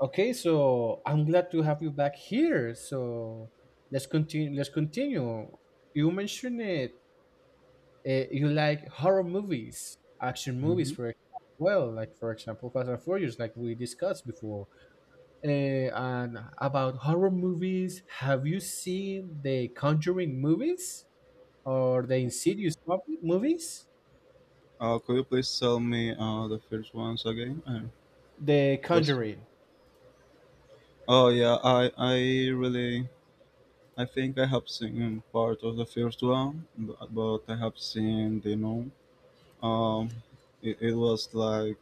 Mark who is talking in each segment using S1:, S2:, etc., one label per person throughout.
S1: Okay, so I'm glad to have you back here. So let's continue. You mentioned it. You like horror movies, action movies,
S2: hmm
S1: for example. For example, Fast and Furious, like we discussed before. Uh, and about horror movies, have you seen the Conjuring movies or the Insidious movies?
S2: Could you please tell me the first ones again?
S1: The
S2: What's-
S1: Conjuring.
S2: oh yeah, I really I think I have seen part of the first one, but I have seen the you know um it was like.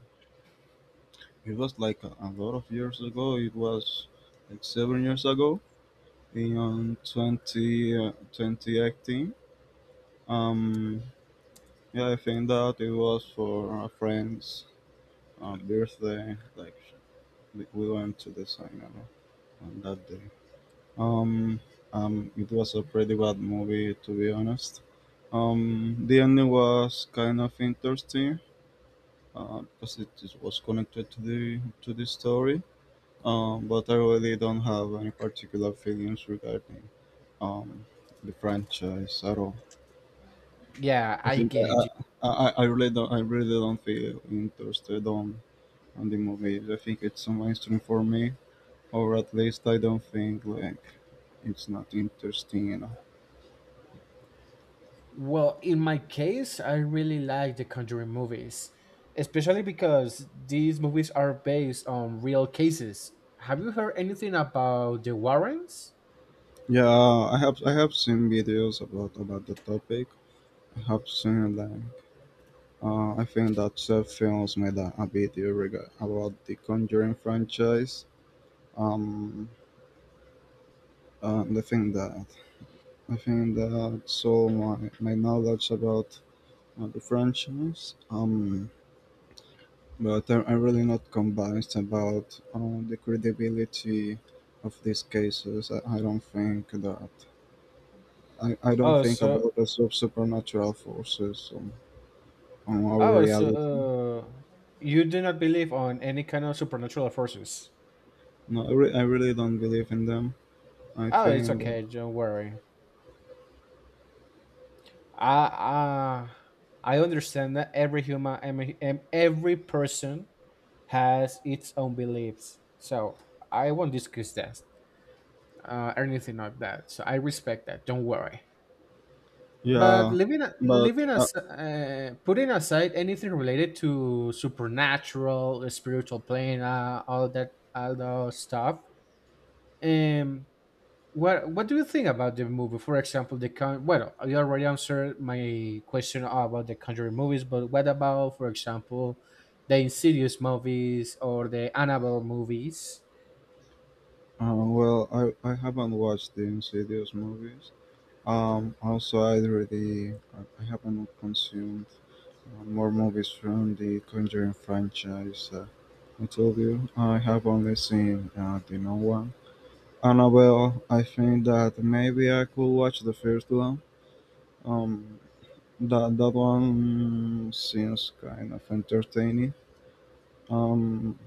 S2: It was like a lot of years ago. It was like 7 years ago in 2018. Um, yeah, I think that it was for a friend's birthday. Like we went to the cinema on that day. Um, it was a pretty bad movie, to be honest. The ending was kind of interesting because it was connected to the story. But I really don't have any particular feelings regarding um, the franchise at all.
S1: Yeah,
S2: I
S1: I
S2: think
S1: get
S2: I,
S1: you.
S2: I, I I really don't I really don't feel interested on the movies. I think it's a mainstream for me, or at least I don't think like it's not interesting enough.
S1: Well, in my case, I really like the Conjuring movies, especially because these movies are based on real cases. Have you heard anything about the Warrens?
S2: Yeah, I have seen videos about the topic. I have seen like I think that Seth Films made a video about the Conjuring franchise. Um, and I think that's all my knowledge about the franchise. But I'm really not convinced about the credibility of these cases. I don't think that I don't
S1: Oh,
S2: think
S1: so
S2: about the supernatural forces on our
S1: oh, so
S2: reality.
S1: uh, you do not believe on any kind of supernatural forces.
S2: No, I really don't believe in them. I
S1: Oh, it's
S2: think that
S1: okay. Don't worry. I uh, I understand that every human every person has its own beliefs. So I won't discuss that. Anything like that. So I respect that. Don't worry. But
S2: yeah,
S1: leaving a-
S2: but
S1: leaving as putting aside anything related to supernatural, the spiritual plane, all that, all those stuff. Um, what do you think about the movie? For example, the con. Well, you already answered my question about the Conjuring movies, but what about, for example, the Insidious movies or the Annabelle movies?
S2: well, I haven't watched the Insidious movies. Also, I already. I haven't consumed more movies from the Conjuring franchise. I told you I have only seen the new one. Annabelle, I think that maybe I could watch the first one. Um, that one seems kind of entertaining. Um,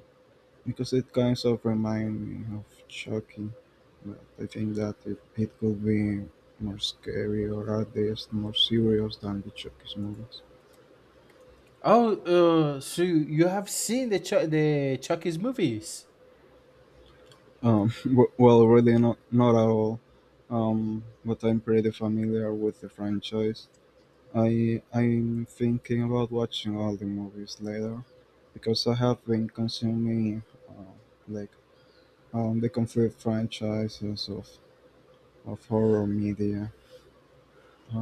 S2: because it kind of reminds me of Chucky, but I think that it could be more scary, or at least more serious than the Chucky's movies.
S1: Oh, so you have seen the Chucky's movies?
S2: Well, really not at all. But I'm pretty familiar with the franchise. I'm thinking about watching all the movies later because I have been consuming uh, like the complete franchises of horror media.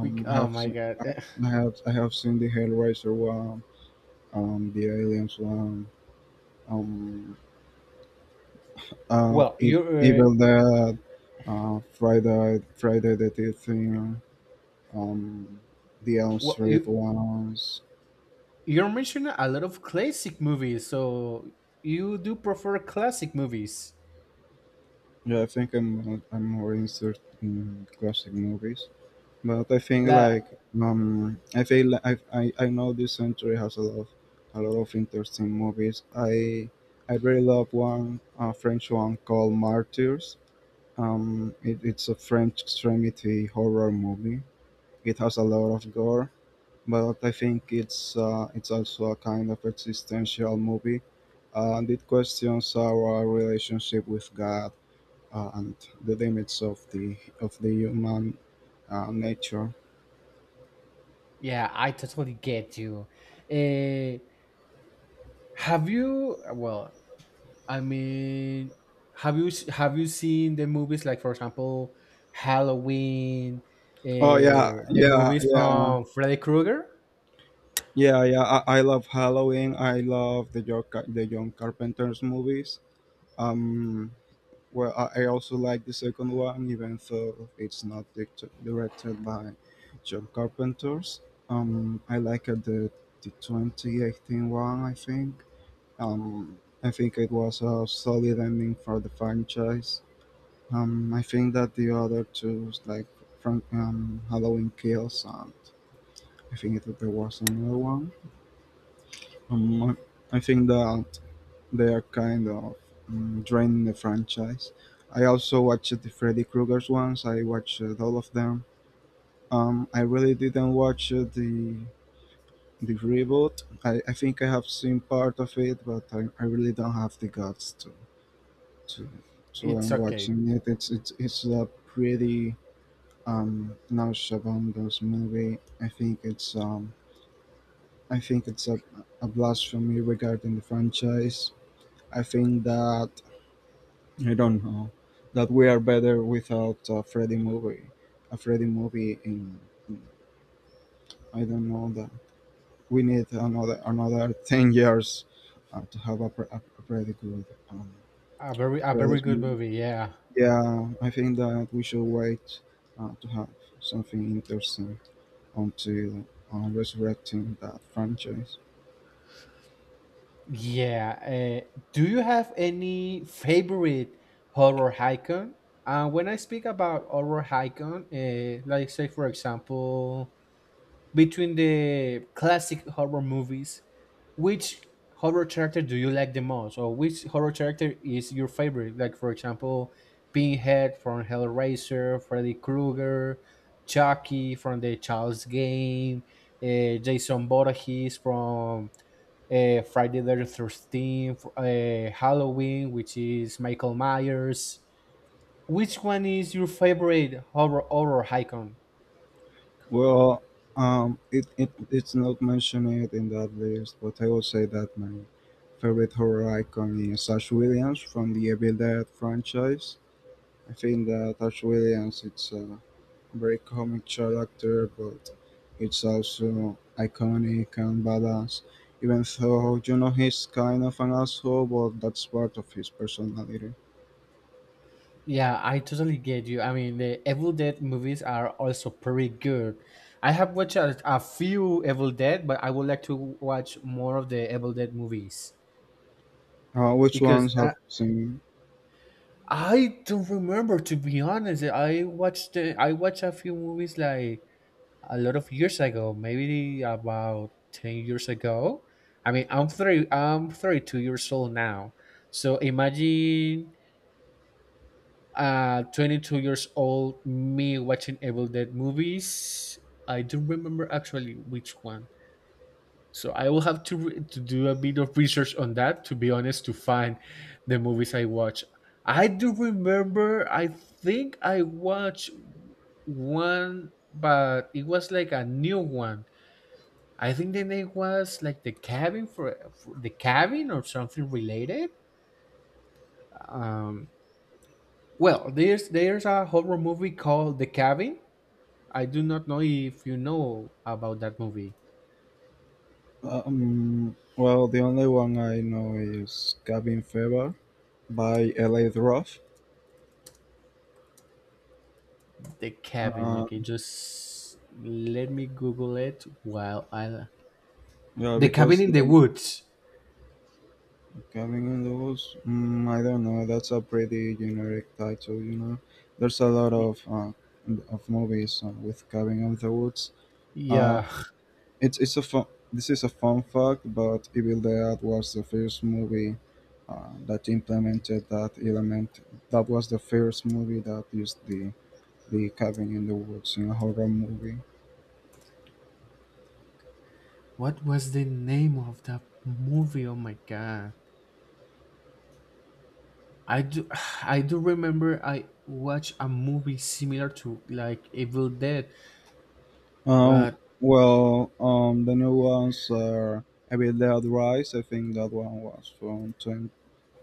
S2: I
S1: Oh
S2: have
S1: my
S2: seen,
S1: god.
S2: I, I have seen the Hellraiser one, the Aliens one, um,
S1: Well, you uh,
S2: Evil Dead, Friday the 13th, um, the Elm
S1: well
S2: Street
S1: you
S2: ones.
S1: you're mentioning a lot of classic movies, so you do prefer classic movies.
S2: Yeah, I'm I'm more interested in classic movies. But I think
S1: La
S2: like I feel like I know this century has a lot of interesting movies. I really love one. A French one called Martyrs. It's a French extremity horror movie. It has a lot of gore, but I think it's also a kind of existential movie, and it questions our relationship with God and the limits of the human nature.
S1: yeah, I totally get you. Uh, have you well, I mean, have you have you seen the movies like for example Halloween,
S2: Oh yeah,
S1: the movies from Freddy Krueger?
S2: yeah. I love Halloween. I love the the John Carpenter's movies. Um, well, I also like the second one, even though it's not directed by John Carpenter's. I like the 2018 one, I think. I think it was a solid ending for the franchise. I think that the other two, like from Halloween Kills and I think that there was another one. Um, I think that they are kind of draining the franchise. I also watched the Freddy Krueger's ones. I watched all of them. I really didn't watch the reboot. I think I have seen part of it, but I really don't have the guts to to
S1: It's
S2: end
S1: okay.
S2: watching it. It's it's a pretty nauseabundous movie. I think it's I think it's a, a blasphemy regarding the franchise. I think that I don't know that we are better without a Freddy movie. A Freddy movie in. I don't know that we need another 10 years to have a pretty good um,
S1: A very
S2: Freddy's
S1: good
S2: movie.
S1: movie, yeah.
S2: Yeah, I think that we should wait to have something interesting until resurrecting that franchise.
S1: Yeah. Do you have any favorite horror icon? When I speak about horror icon, like say for example, between the classic horror movies, which horror character do you like the most, or which horror character is your favorite? Like for example, Pinhead from Hellraiser, Freddy Krueger, Chucky from the Child's Game, Jason Voorhees from Friday the 13th, Halloween, which is Michael Myers. Which one is your favorite horror icon?
S2: Well, it, it's not mentioned in that list, but I will say that my favorite horror icon is Ash Williams from the Evil Dead franchise. I think that Ash Williams, it's a very comic character, but it's also iconic and badass. Even though, you know, he's kind of an asshole, but that's part of his personality.
S1: Yeah, I totally get you. I mean, the Evil Dead movies are also pretty good. I have watched a few Evil Dead, but I would like to watch more of the Evil Dead movies
S2: Which
S1: because
S2: ones have seen?
S1: I don't remember. To be honest, I watched a few movies like a lot of years ago, maybe about 10 years ago. I mean, I'm 32 years old now. So imagine 22 years old me watching Evil Dead movies. I don't remember actually which one. So I will have to to do a bit of research on that to be honest to find the movies I watch. I do remember I think I watched one but it was like a new one. I think the name was like the cabin or something related. Um, well, there's a horror movie called The Cabin. I do not know if you know about that movie.
S2: Well, the only one I know is Cabin Fever by LA Roth.
S1: The Cabin.
S2: Uh,
S1: Okay, just let me Google it while I...
S2: yeah,
S1: The Cabin
S2: because
S1: in the
S2: the
S1: Woods.
S2: Cabin in the Woods, mm, I don't know, that's a pretty generic title, you know. There's a lot
S1: Y-
S2: of movies with Cabin in the Woods. Uh,
S1: Yeah,
S2: it's a fun, this is a fun fact, but Evil Dead was the first movie that implemented that element. That was the first movie that used the cabin in the woods in a horror movie.
S1: what was the name of that movie? Oh my god. I do I do remember I watched a movie similar to like Evil Dead.
S2: Um,
S1: But
S2: the new ones are a bit. Dead Rise, I think that one was from twen-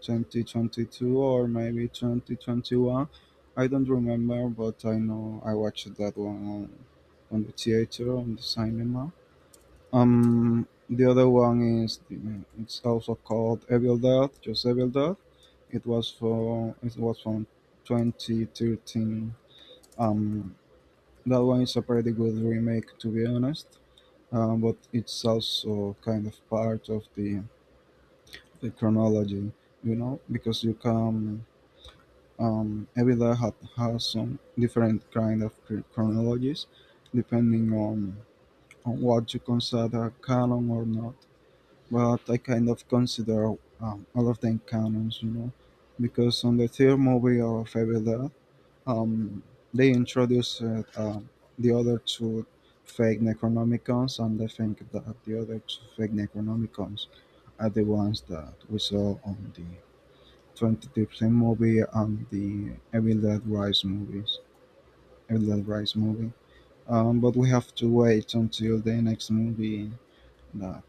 S2: 20, 2022, or maybe 2021. I don't remember, but I know I watched that one on the theater, on the cinema. The other one is the, it's also called Evil Dead, just Evil Dead. It was from 2013. Um, that one is a pretty good remake, to be honest, but it's also kind of part of the chronology, you know, because you come, Evida had, has some different kind of chronologies depending on what you consider canon or not. But I kind of consider all of them canons, you know, because on the third movie of Evida, um, they introduced the other two fake Necronomicons, and I think that the other two fake Necronomicons are the ones that we saw on the 2015 movie and the Evil Dead Rise movies. Evil Dead Rise movie. But we have to wait until the next movie that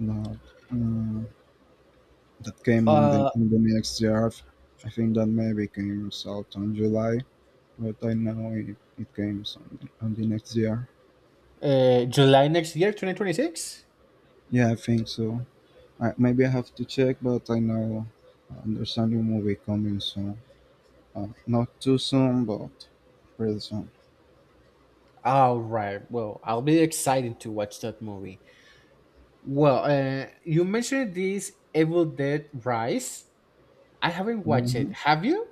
S2: that um, that came on the
S1: uh,
S2: in the next year. I think that maybe came out on July, but I know it came on the next year.
S1: July next year, 2026?
S2: Yeah, I think so. I, maybe I have to check, but I know. Understanding movie coming soon. Not too soon, but pretty soon.
S1: All right. Well, I'll be excited to watch that movie. Well, uh, you mentioned this Evil Dead Rise. I haven't watched it.
S2: hmm
S1: Have you?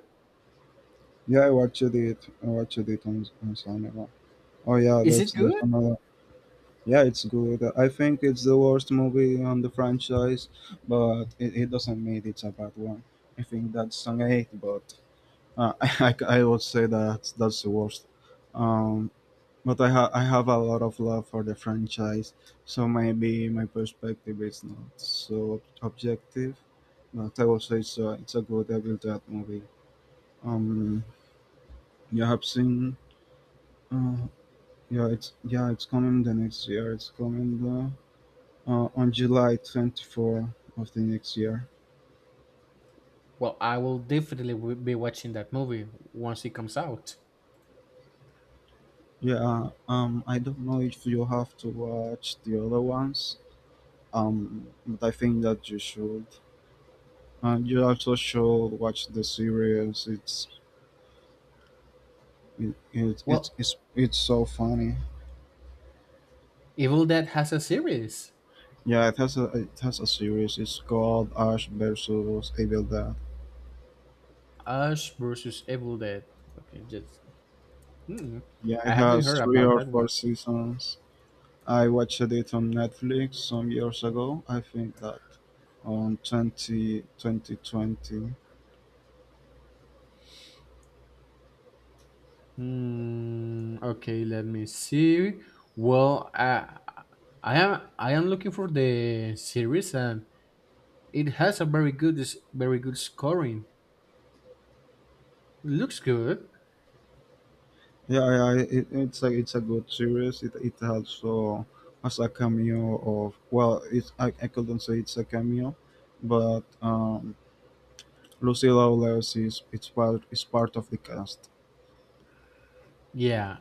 S2: Yeah, I watched it. I watched it on cinema. Oh yeah,
S1: Is
S2: that's
S1: it
S2: there's
S1: good?
S2: another. Yeah, it's good. I think it's the worst movie on the franchise, but it doesn't mean it's a bad one. I think that's an eight, but I would say that that's the worst. Um, but I have a lot of love for the franchise, so maybe my perspective is not so objective. But I will say it's a good Evil Dead movie. Um, you have seen, uh, yeah, it's. Yeah, it's coming the next year. It's coming on July 24 of the next year.
S1: Well, I will definitely be watching that movie once it comes out.
S2: Yeah, I don't know if you have to watch the other ones, but I think that you should. You also should watch the series. It's It, it, it's
S1: Well,
S2: it's it's so funny.
S1: Evil Dead has a series.
S2: Yeah, it has. A it has a series. It's called Ash versus Evil Dead.
S1: Ash versus Evil Dead. Okay, hmm,
S2: Yeah, it
S1: I haven't
S2: has
S1: heard
S2: three
S1: about
S2: or
S1: that one.
S2: four seasons. I watched it on Netflix some years ago. I think that on 2020 20.
S1: Hmm. Okay, let me see. Well, I, I am looking for the series, and it has a very good very good scoring. Looks good.
S2: Yeah, yeah it's a. It's a good series. It also has a cameo of, well, it's. I couldn't say it's a cameo, but Lucille Lawless is. It's part. Is part of the cast.
S1: Yeah.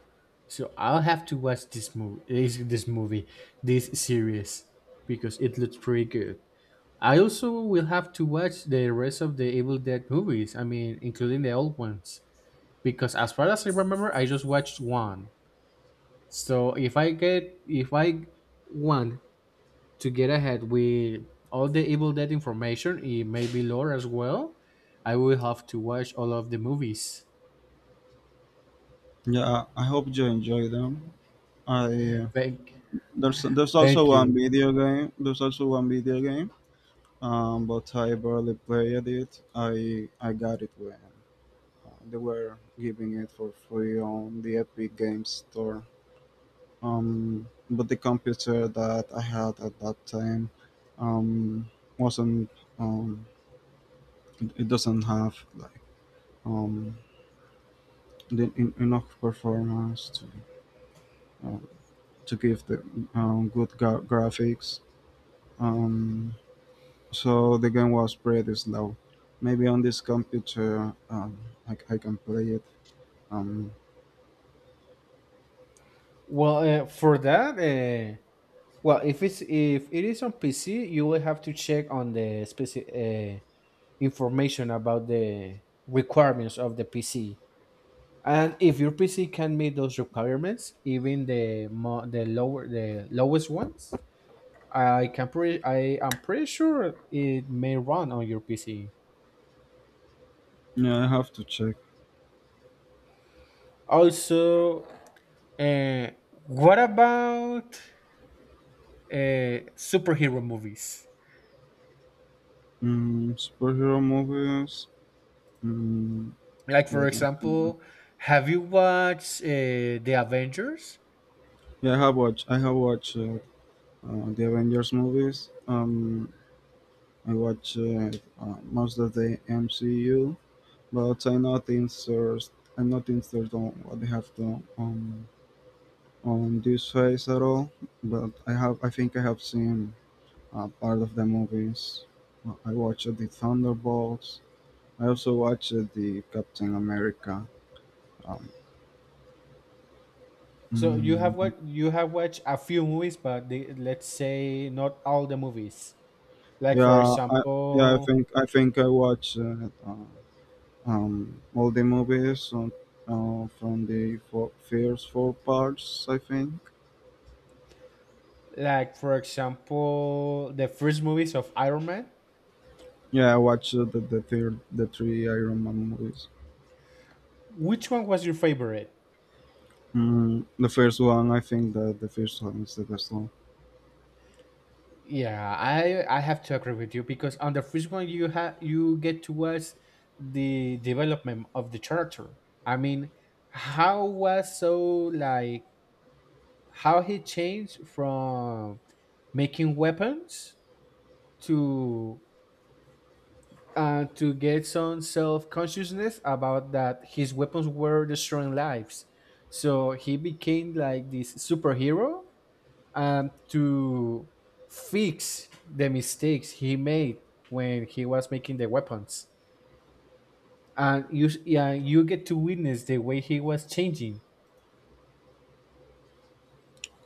S1: So I'll have to watch this movie, this series, because it looks pretty good. I also will have to watch the rest of the Evil Dead movies. I mean, including the old ones, because as far as I remember, I just watched one. So if I want to get ahead with all the Evil Dead information, it may be lore as well. I will have to watch all of the movies.
S2: Yeah, I hope you enjoy them. I
S1: Thank,
S2: There's also
S1: thank
S2: one
S1: you.
S2: video game. There's also one video game, but I barely played it. I got it when they were giving it for free on the Epic Games Store. But the computer that I had at that time, um, wasn't um, it doesn't have like um the, enough performance um, to give the good graphics. Um, so the game was pretty slow. Maybe on this computer, I can play it. Um,
S1: Well, well, if it is on PC, you will have to check on the specific information about the requirements of the PC. And if your PC can meet those requirements, even the mo- the lower the lowest ones, I am pretty sure it may run on your PC.
S2: yeah, I have to check.
S1: Also, uh, what about superhero movies?
S2: Mm, superhero movies. Mm,
S1: Like for
S2: let me think.
S1: example, have you watched the Avengers?
S2: Yeah, I have watched the Avengers movies. I watch most of the MCU, but I'm not interested. I'm not interested on what they have done on this phase at all. But I have. I think I have seen part of the movies. I watched the Thunderbolts. I also watched the Captain America. Um, mm,
S1: You have watched a few movies, but, the, let's say, not all the movies. Like for
S2: yeah, yeah,
S1: example,
S2: I think I watched all the movies on, from the first four parts, I think.
S1: like for example, the first movies of Iron Man.
S2: Yeah, I watched the three Iron Man movies.
S1: Which one was your favorite?
S2: Mm, the first one. I think that the first one is the best one.
S1: Yeah, I have to agree with you because on the first one you get to watch the development of the character. I mean, how was so like how he changed from making weapons to to get some self consciousness about that his weapons were destroying lives. So he became like this superhero to fix the mistakes he made when he was making the weapons. And you get to witness the way he was changing.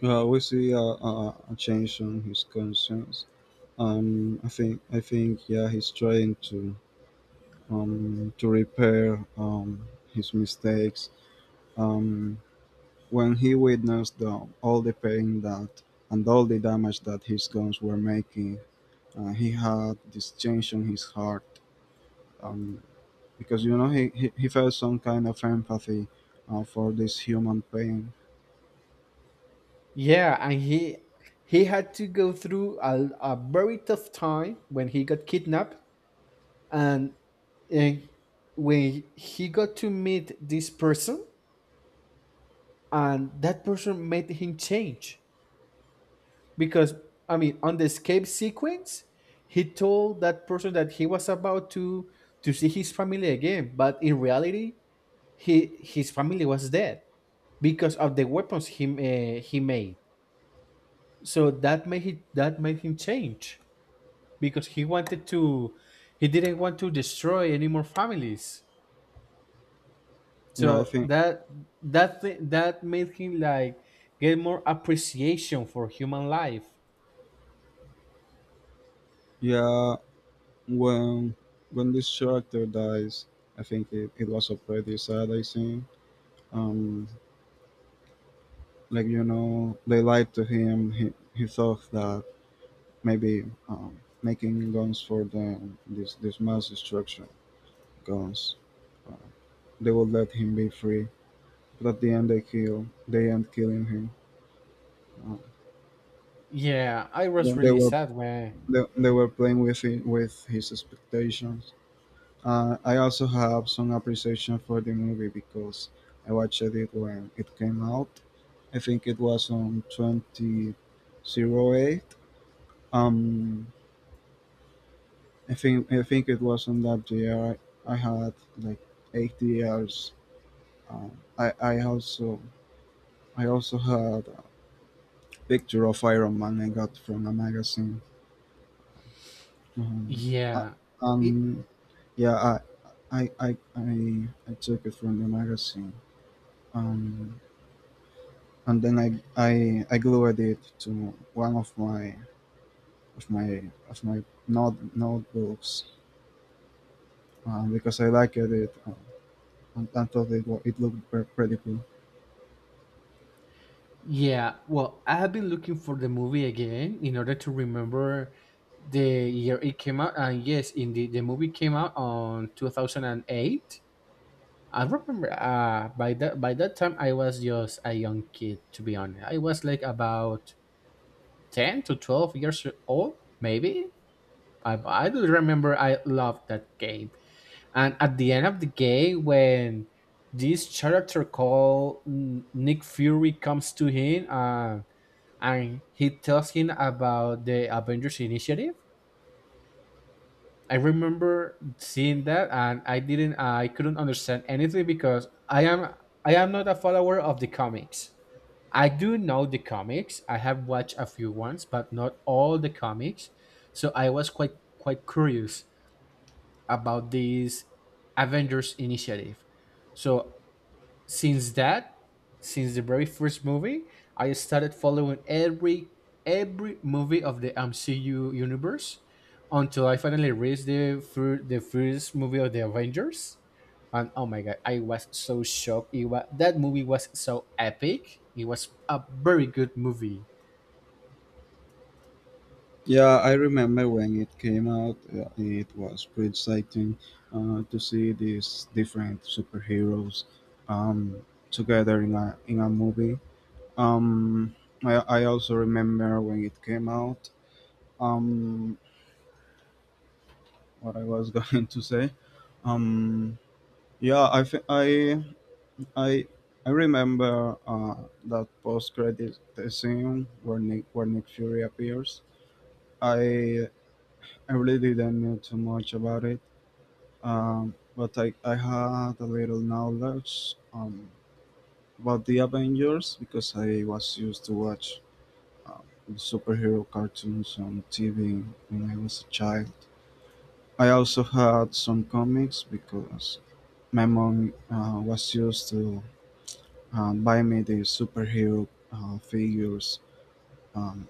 S2: Yeah, we see a change on his conscience. I think yeah, he's trying to repair his mistakes. Um, when he witnessed all the pain that and all the damage that his guns were making, he had this change on his heart, um, because he, he felt some kind of empathy for this human pain.
S1: Yeah, and he had to go through a very tough time when he got kidnapped and, and when he got to meet this person and that person made him change because I mean, on the escape sequence, he told that person that he was about to see his family again, but in reality, he his family was dead because of the weapons he made. So that made him change because he didn't want to destroy any more families.
S2: Yeah, I
S1: So
S2: think
S1: that made him like get more appreciation for human life.
S2: yeah Well, when this character dies, I think it was a pretty sad I think. Um, like, they lied to him. He thought that maybe making guns for them, this mass destruction guns, uh, they would let him be free. But at the end, They end killing him. Uh,
S1: Yeah, I was
S2: then
S1: really sad when...
S2: they were playing with it, with his expectations. I also have some appreciation for the movie because I watched it when it came out. I think it was on 2008. Um, I think it was on that year. I had like 80 years. I I also had a picture of Iron Man I got from a magazine. Um, I,
S1: Yeah. It
S2: um yeah, I took it from the magazine. Um, and then I glued it to one of my of my of my notebooks, because I liked it, and I thought it looked pretty cool.
S1: yeah, well, I have been looking for the movie again in order to remember the year it came out. And yes, indeed, the movie came out on 2008. I remember by that time I was just a young kid to be honest. I was like about 10 to 12 years old, maybe. I do remember I loved that game. And at the end of the game, when this character called Nick Fury comes to him and he tells him about the Avengers Initiative, I remember seeing that and I didn't, I couldn't understand anything because I am not a follower of the comics. I do know the comics. I have watched a few ones, but not all the comics. So I was quite curious about this Avengers initiative. So since that since the very first movie I started following every movie of the MCU universe until I finally reached the first movie of the Avengers. And oh my god, I was so shocked it was, that movie was so epic. It was a very good movie.
S2: Yeah, I remember when it came out. It was pretty exciting to see these different superheroes um, together in a movie. Um, I also remember when it came out. Um, what I was going to say. Um, Yeah, I think I I remember that post credit scene where Nick Fury appears. I I really didn't know too much about it, but I had a little knowledge, about the Avengers, because I was used to watch uh, superhero cartoons on TV when I was a child. I also had some comics because my mom, was used to by me the superhero figures. Um,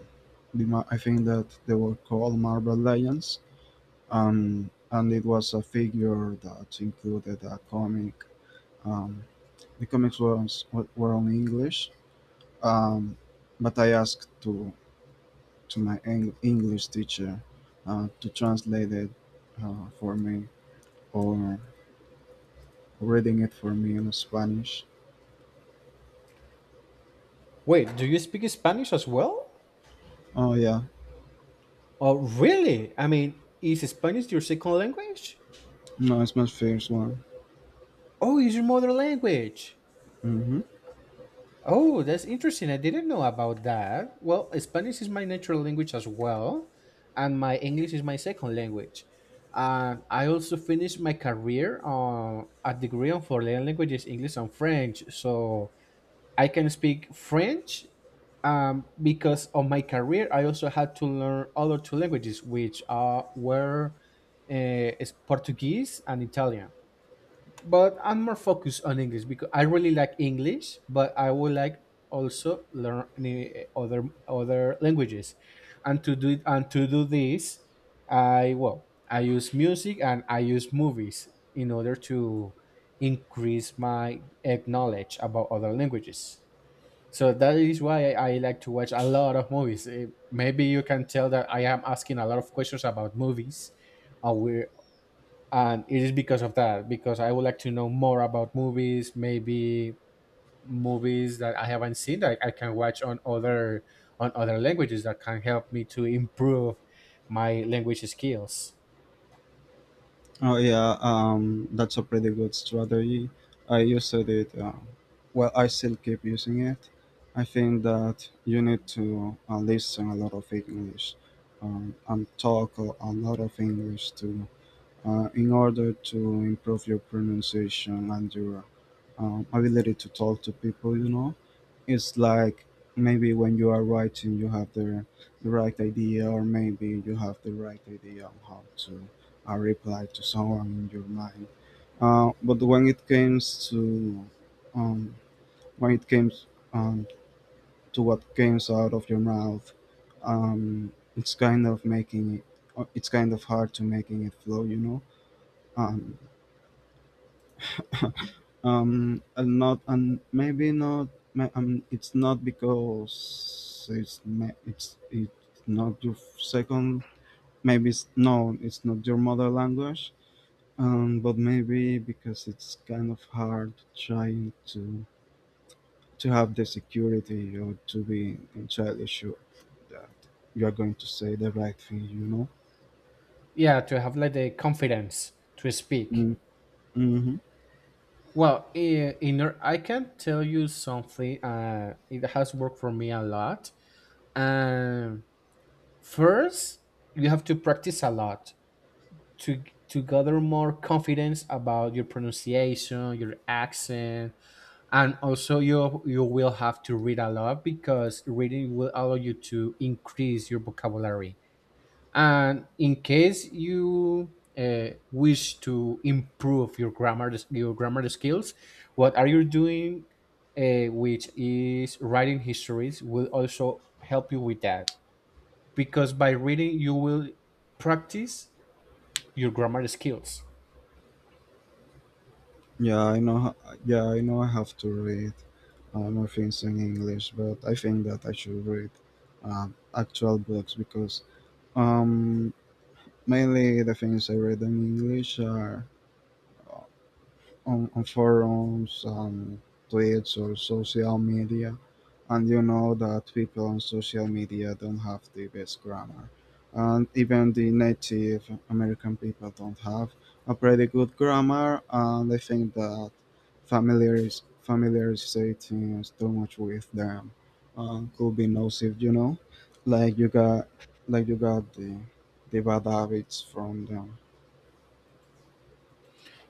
S2: I think that they were called Marvel Legends, and it was a figure that included a comic. Um, the were on English, um, but I asked to my English teacher to translate it for me, or reading it for me in Spanish.
S1: Wait, do you speak Spanish as well?
S2: Oh yeah,
S1: Oh really? I mean, is Spanish your second language?
S2: no, it's my first one.
S1: Oh, it's your mother language.
S2: Hmm.
S1: Oh, that's interesting. I didn't know about that. Well, Spanish is my natural language as well, and my English is my second language. And I also finished my career on a degree on foreign languages, English and French. So I can speak French because of my career. I also had to learn other two languages, which are were is Portuguese and Italian, but I'm more focused on English because I really like English, but I would like also learn any other languages, and to do this, I use music and I use movies in order to increase my knowledge about other languages. So that is why I like to watch a lot of movies. Maybe you can tell that I am asking a lot of questions about movies, or we and it is because of that because I would like to know more about movies, maybe movies that I haven't seen that I can watch on other languages that can help me to improve my language skills.
S2: Oh yeah, that's a pretty good strategy. I used it. Well, I still keep using it. I think that you need to listen a lot of English, and talk a lot of English too, in order to improve your pronunciation and your ability to talk to people. You know, it's like, maybe when you are writing you have the right idea, or maybe you have the right idea on how to reply to someone in your mind, but when it comes to um, when it comes um, to what comes out of your mouth, um, it's kind of making it it's kind of hard to making it flow, you know. um, and not, and maybe not. It's not because it's not your second. Maybe it's no, it's not your mother language. But maybe because it's kind of hard trying to have the security or to be entirely sure that you are going to say the right thing. You know.
S1: Yeah, to have like the confidence to speak.
S2: Mm. Mm-hmm.
S1: Well, I can tell you something, it has worked for me a lot. And first, you have to practice a lot to to gather more confidence about your pronunciation, your accent, and also you will have to read a lot because reading will allow you to increase your vocabulary. And in case you wish to improve your grammar skills, what are you doing, which is writing histories, will also help you with that because by reading you will practice your grammar skills.
S2: Yeah, I know. Yeah, I know. I have to read more things in English, but I think that I should read uh, actual books, because um, mainly the things I read in English are on forums and tweets or social media, and you know that people on social media don't have the best grammar, and even the native american people don't have a pretty good grammar, and I think that familiarizating is too much with them, could be nocive, you know. Like you got like you got the bad habits from them.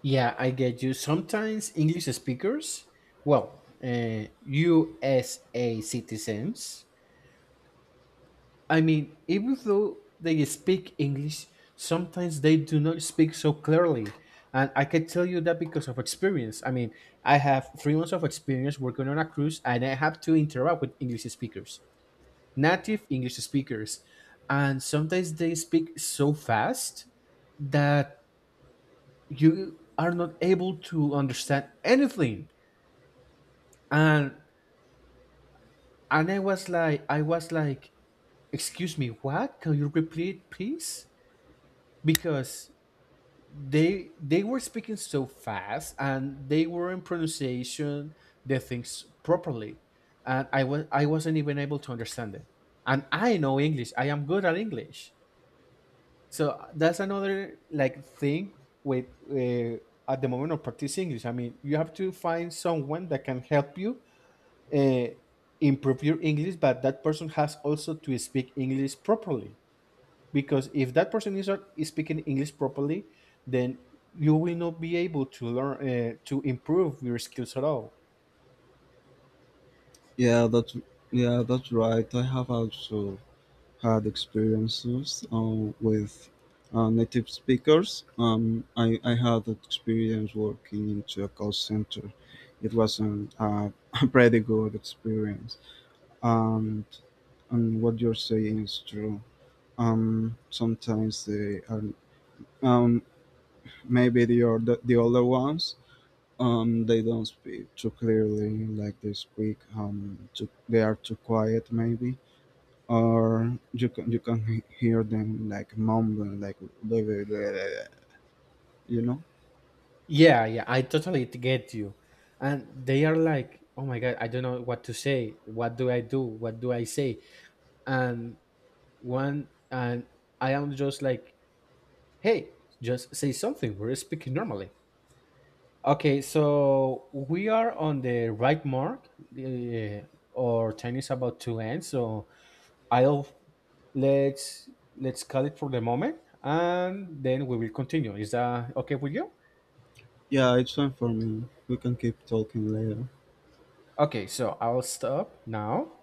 S1: Yeah, I get you. Sometimes English speakers, well, USA citizens, I mean, even though they speak English, sometimes they do not speak so clearly. And I can tell you that because of experience. I mean, I have 3 months of experience working on a cruise and I have to interact with English speakers, native English speakers. And sometimes they speak so fast that you are not able to understand anything. And I was like, excuse me, what, can you repeat please? Because they were speaking so fast and they were in pronunciation the things properly and I wasn't even able to understand it. And I know English, I am good at English. So that's another like thing with uh, at the moment of practicing English, I mean, you have to find someone that can help you uh, improve your English, but that person has also to speak English properly. Because if that person is not speaking English properly, then you will not be able to learn to improve your skills at all.
S2: Yeah, that's yeah that's right. I have also had experiences, with native speakers. I had experience working into a call center. It was not, a pretty good experience. And, and what you're saying is true. Sometimes they are, um, maybe the older ones, they don't speak too clearly, like they speak. Too, they are too quiet maybe, or you can hear them like mumbling, like you know.
S1: Yeah, yeah, I totally get you. And they are like, oh my God, I don't know what to say. What do I do? What do I say? And one, and I am just like, hey, just say something. We're speaking normally. Okay, so we are on the right mark. Uh, our time is about to end, so I'll let's let's cut it for the moment, and then we will continue. Is that okay with you?
S2: Yeah, it's fine for me. We can keep talking later.
S1: Okay, so I'll stop now.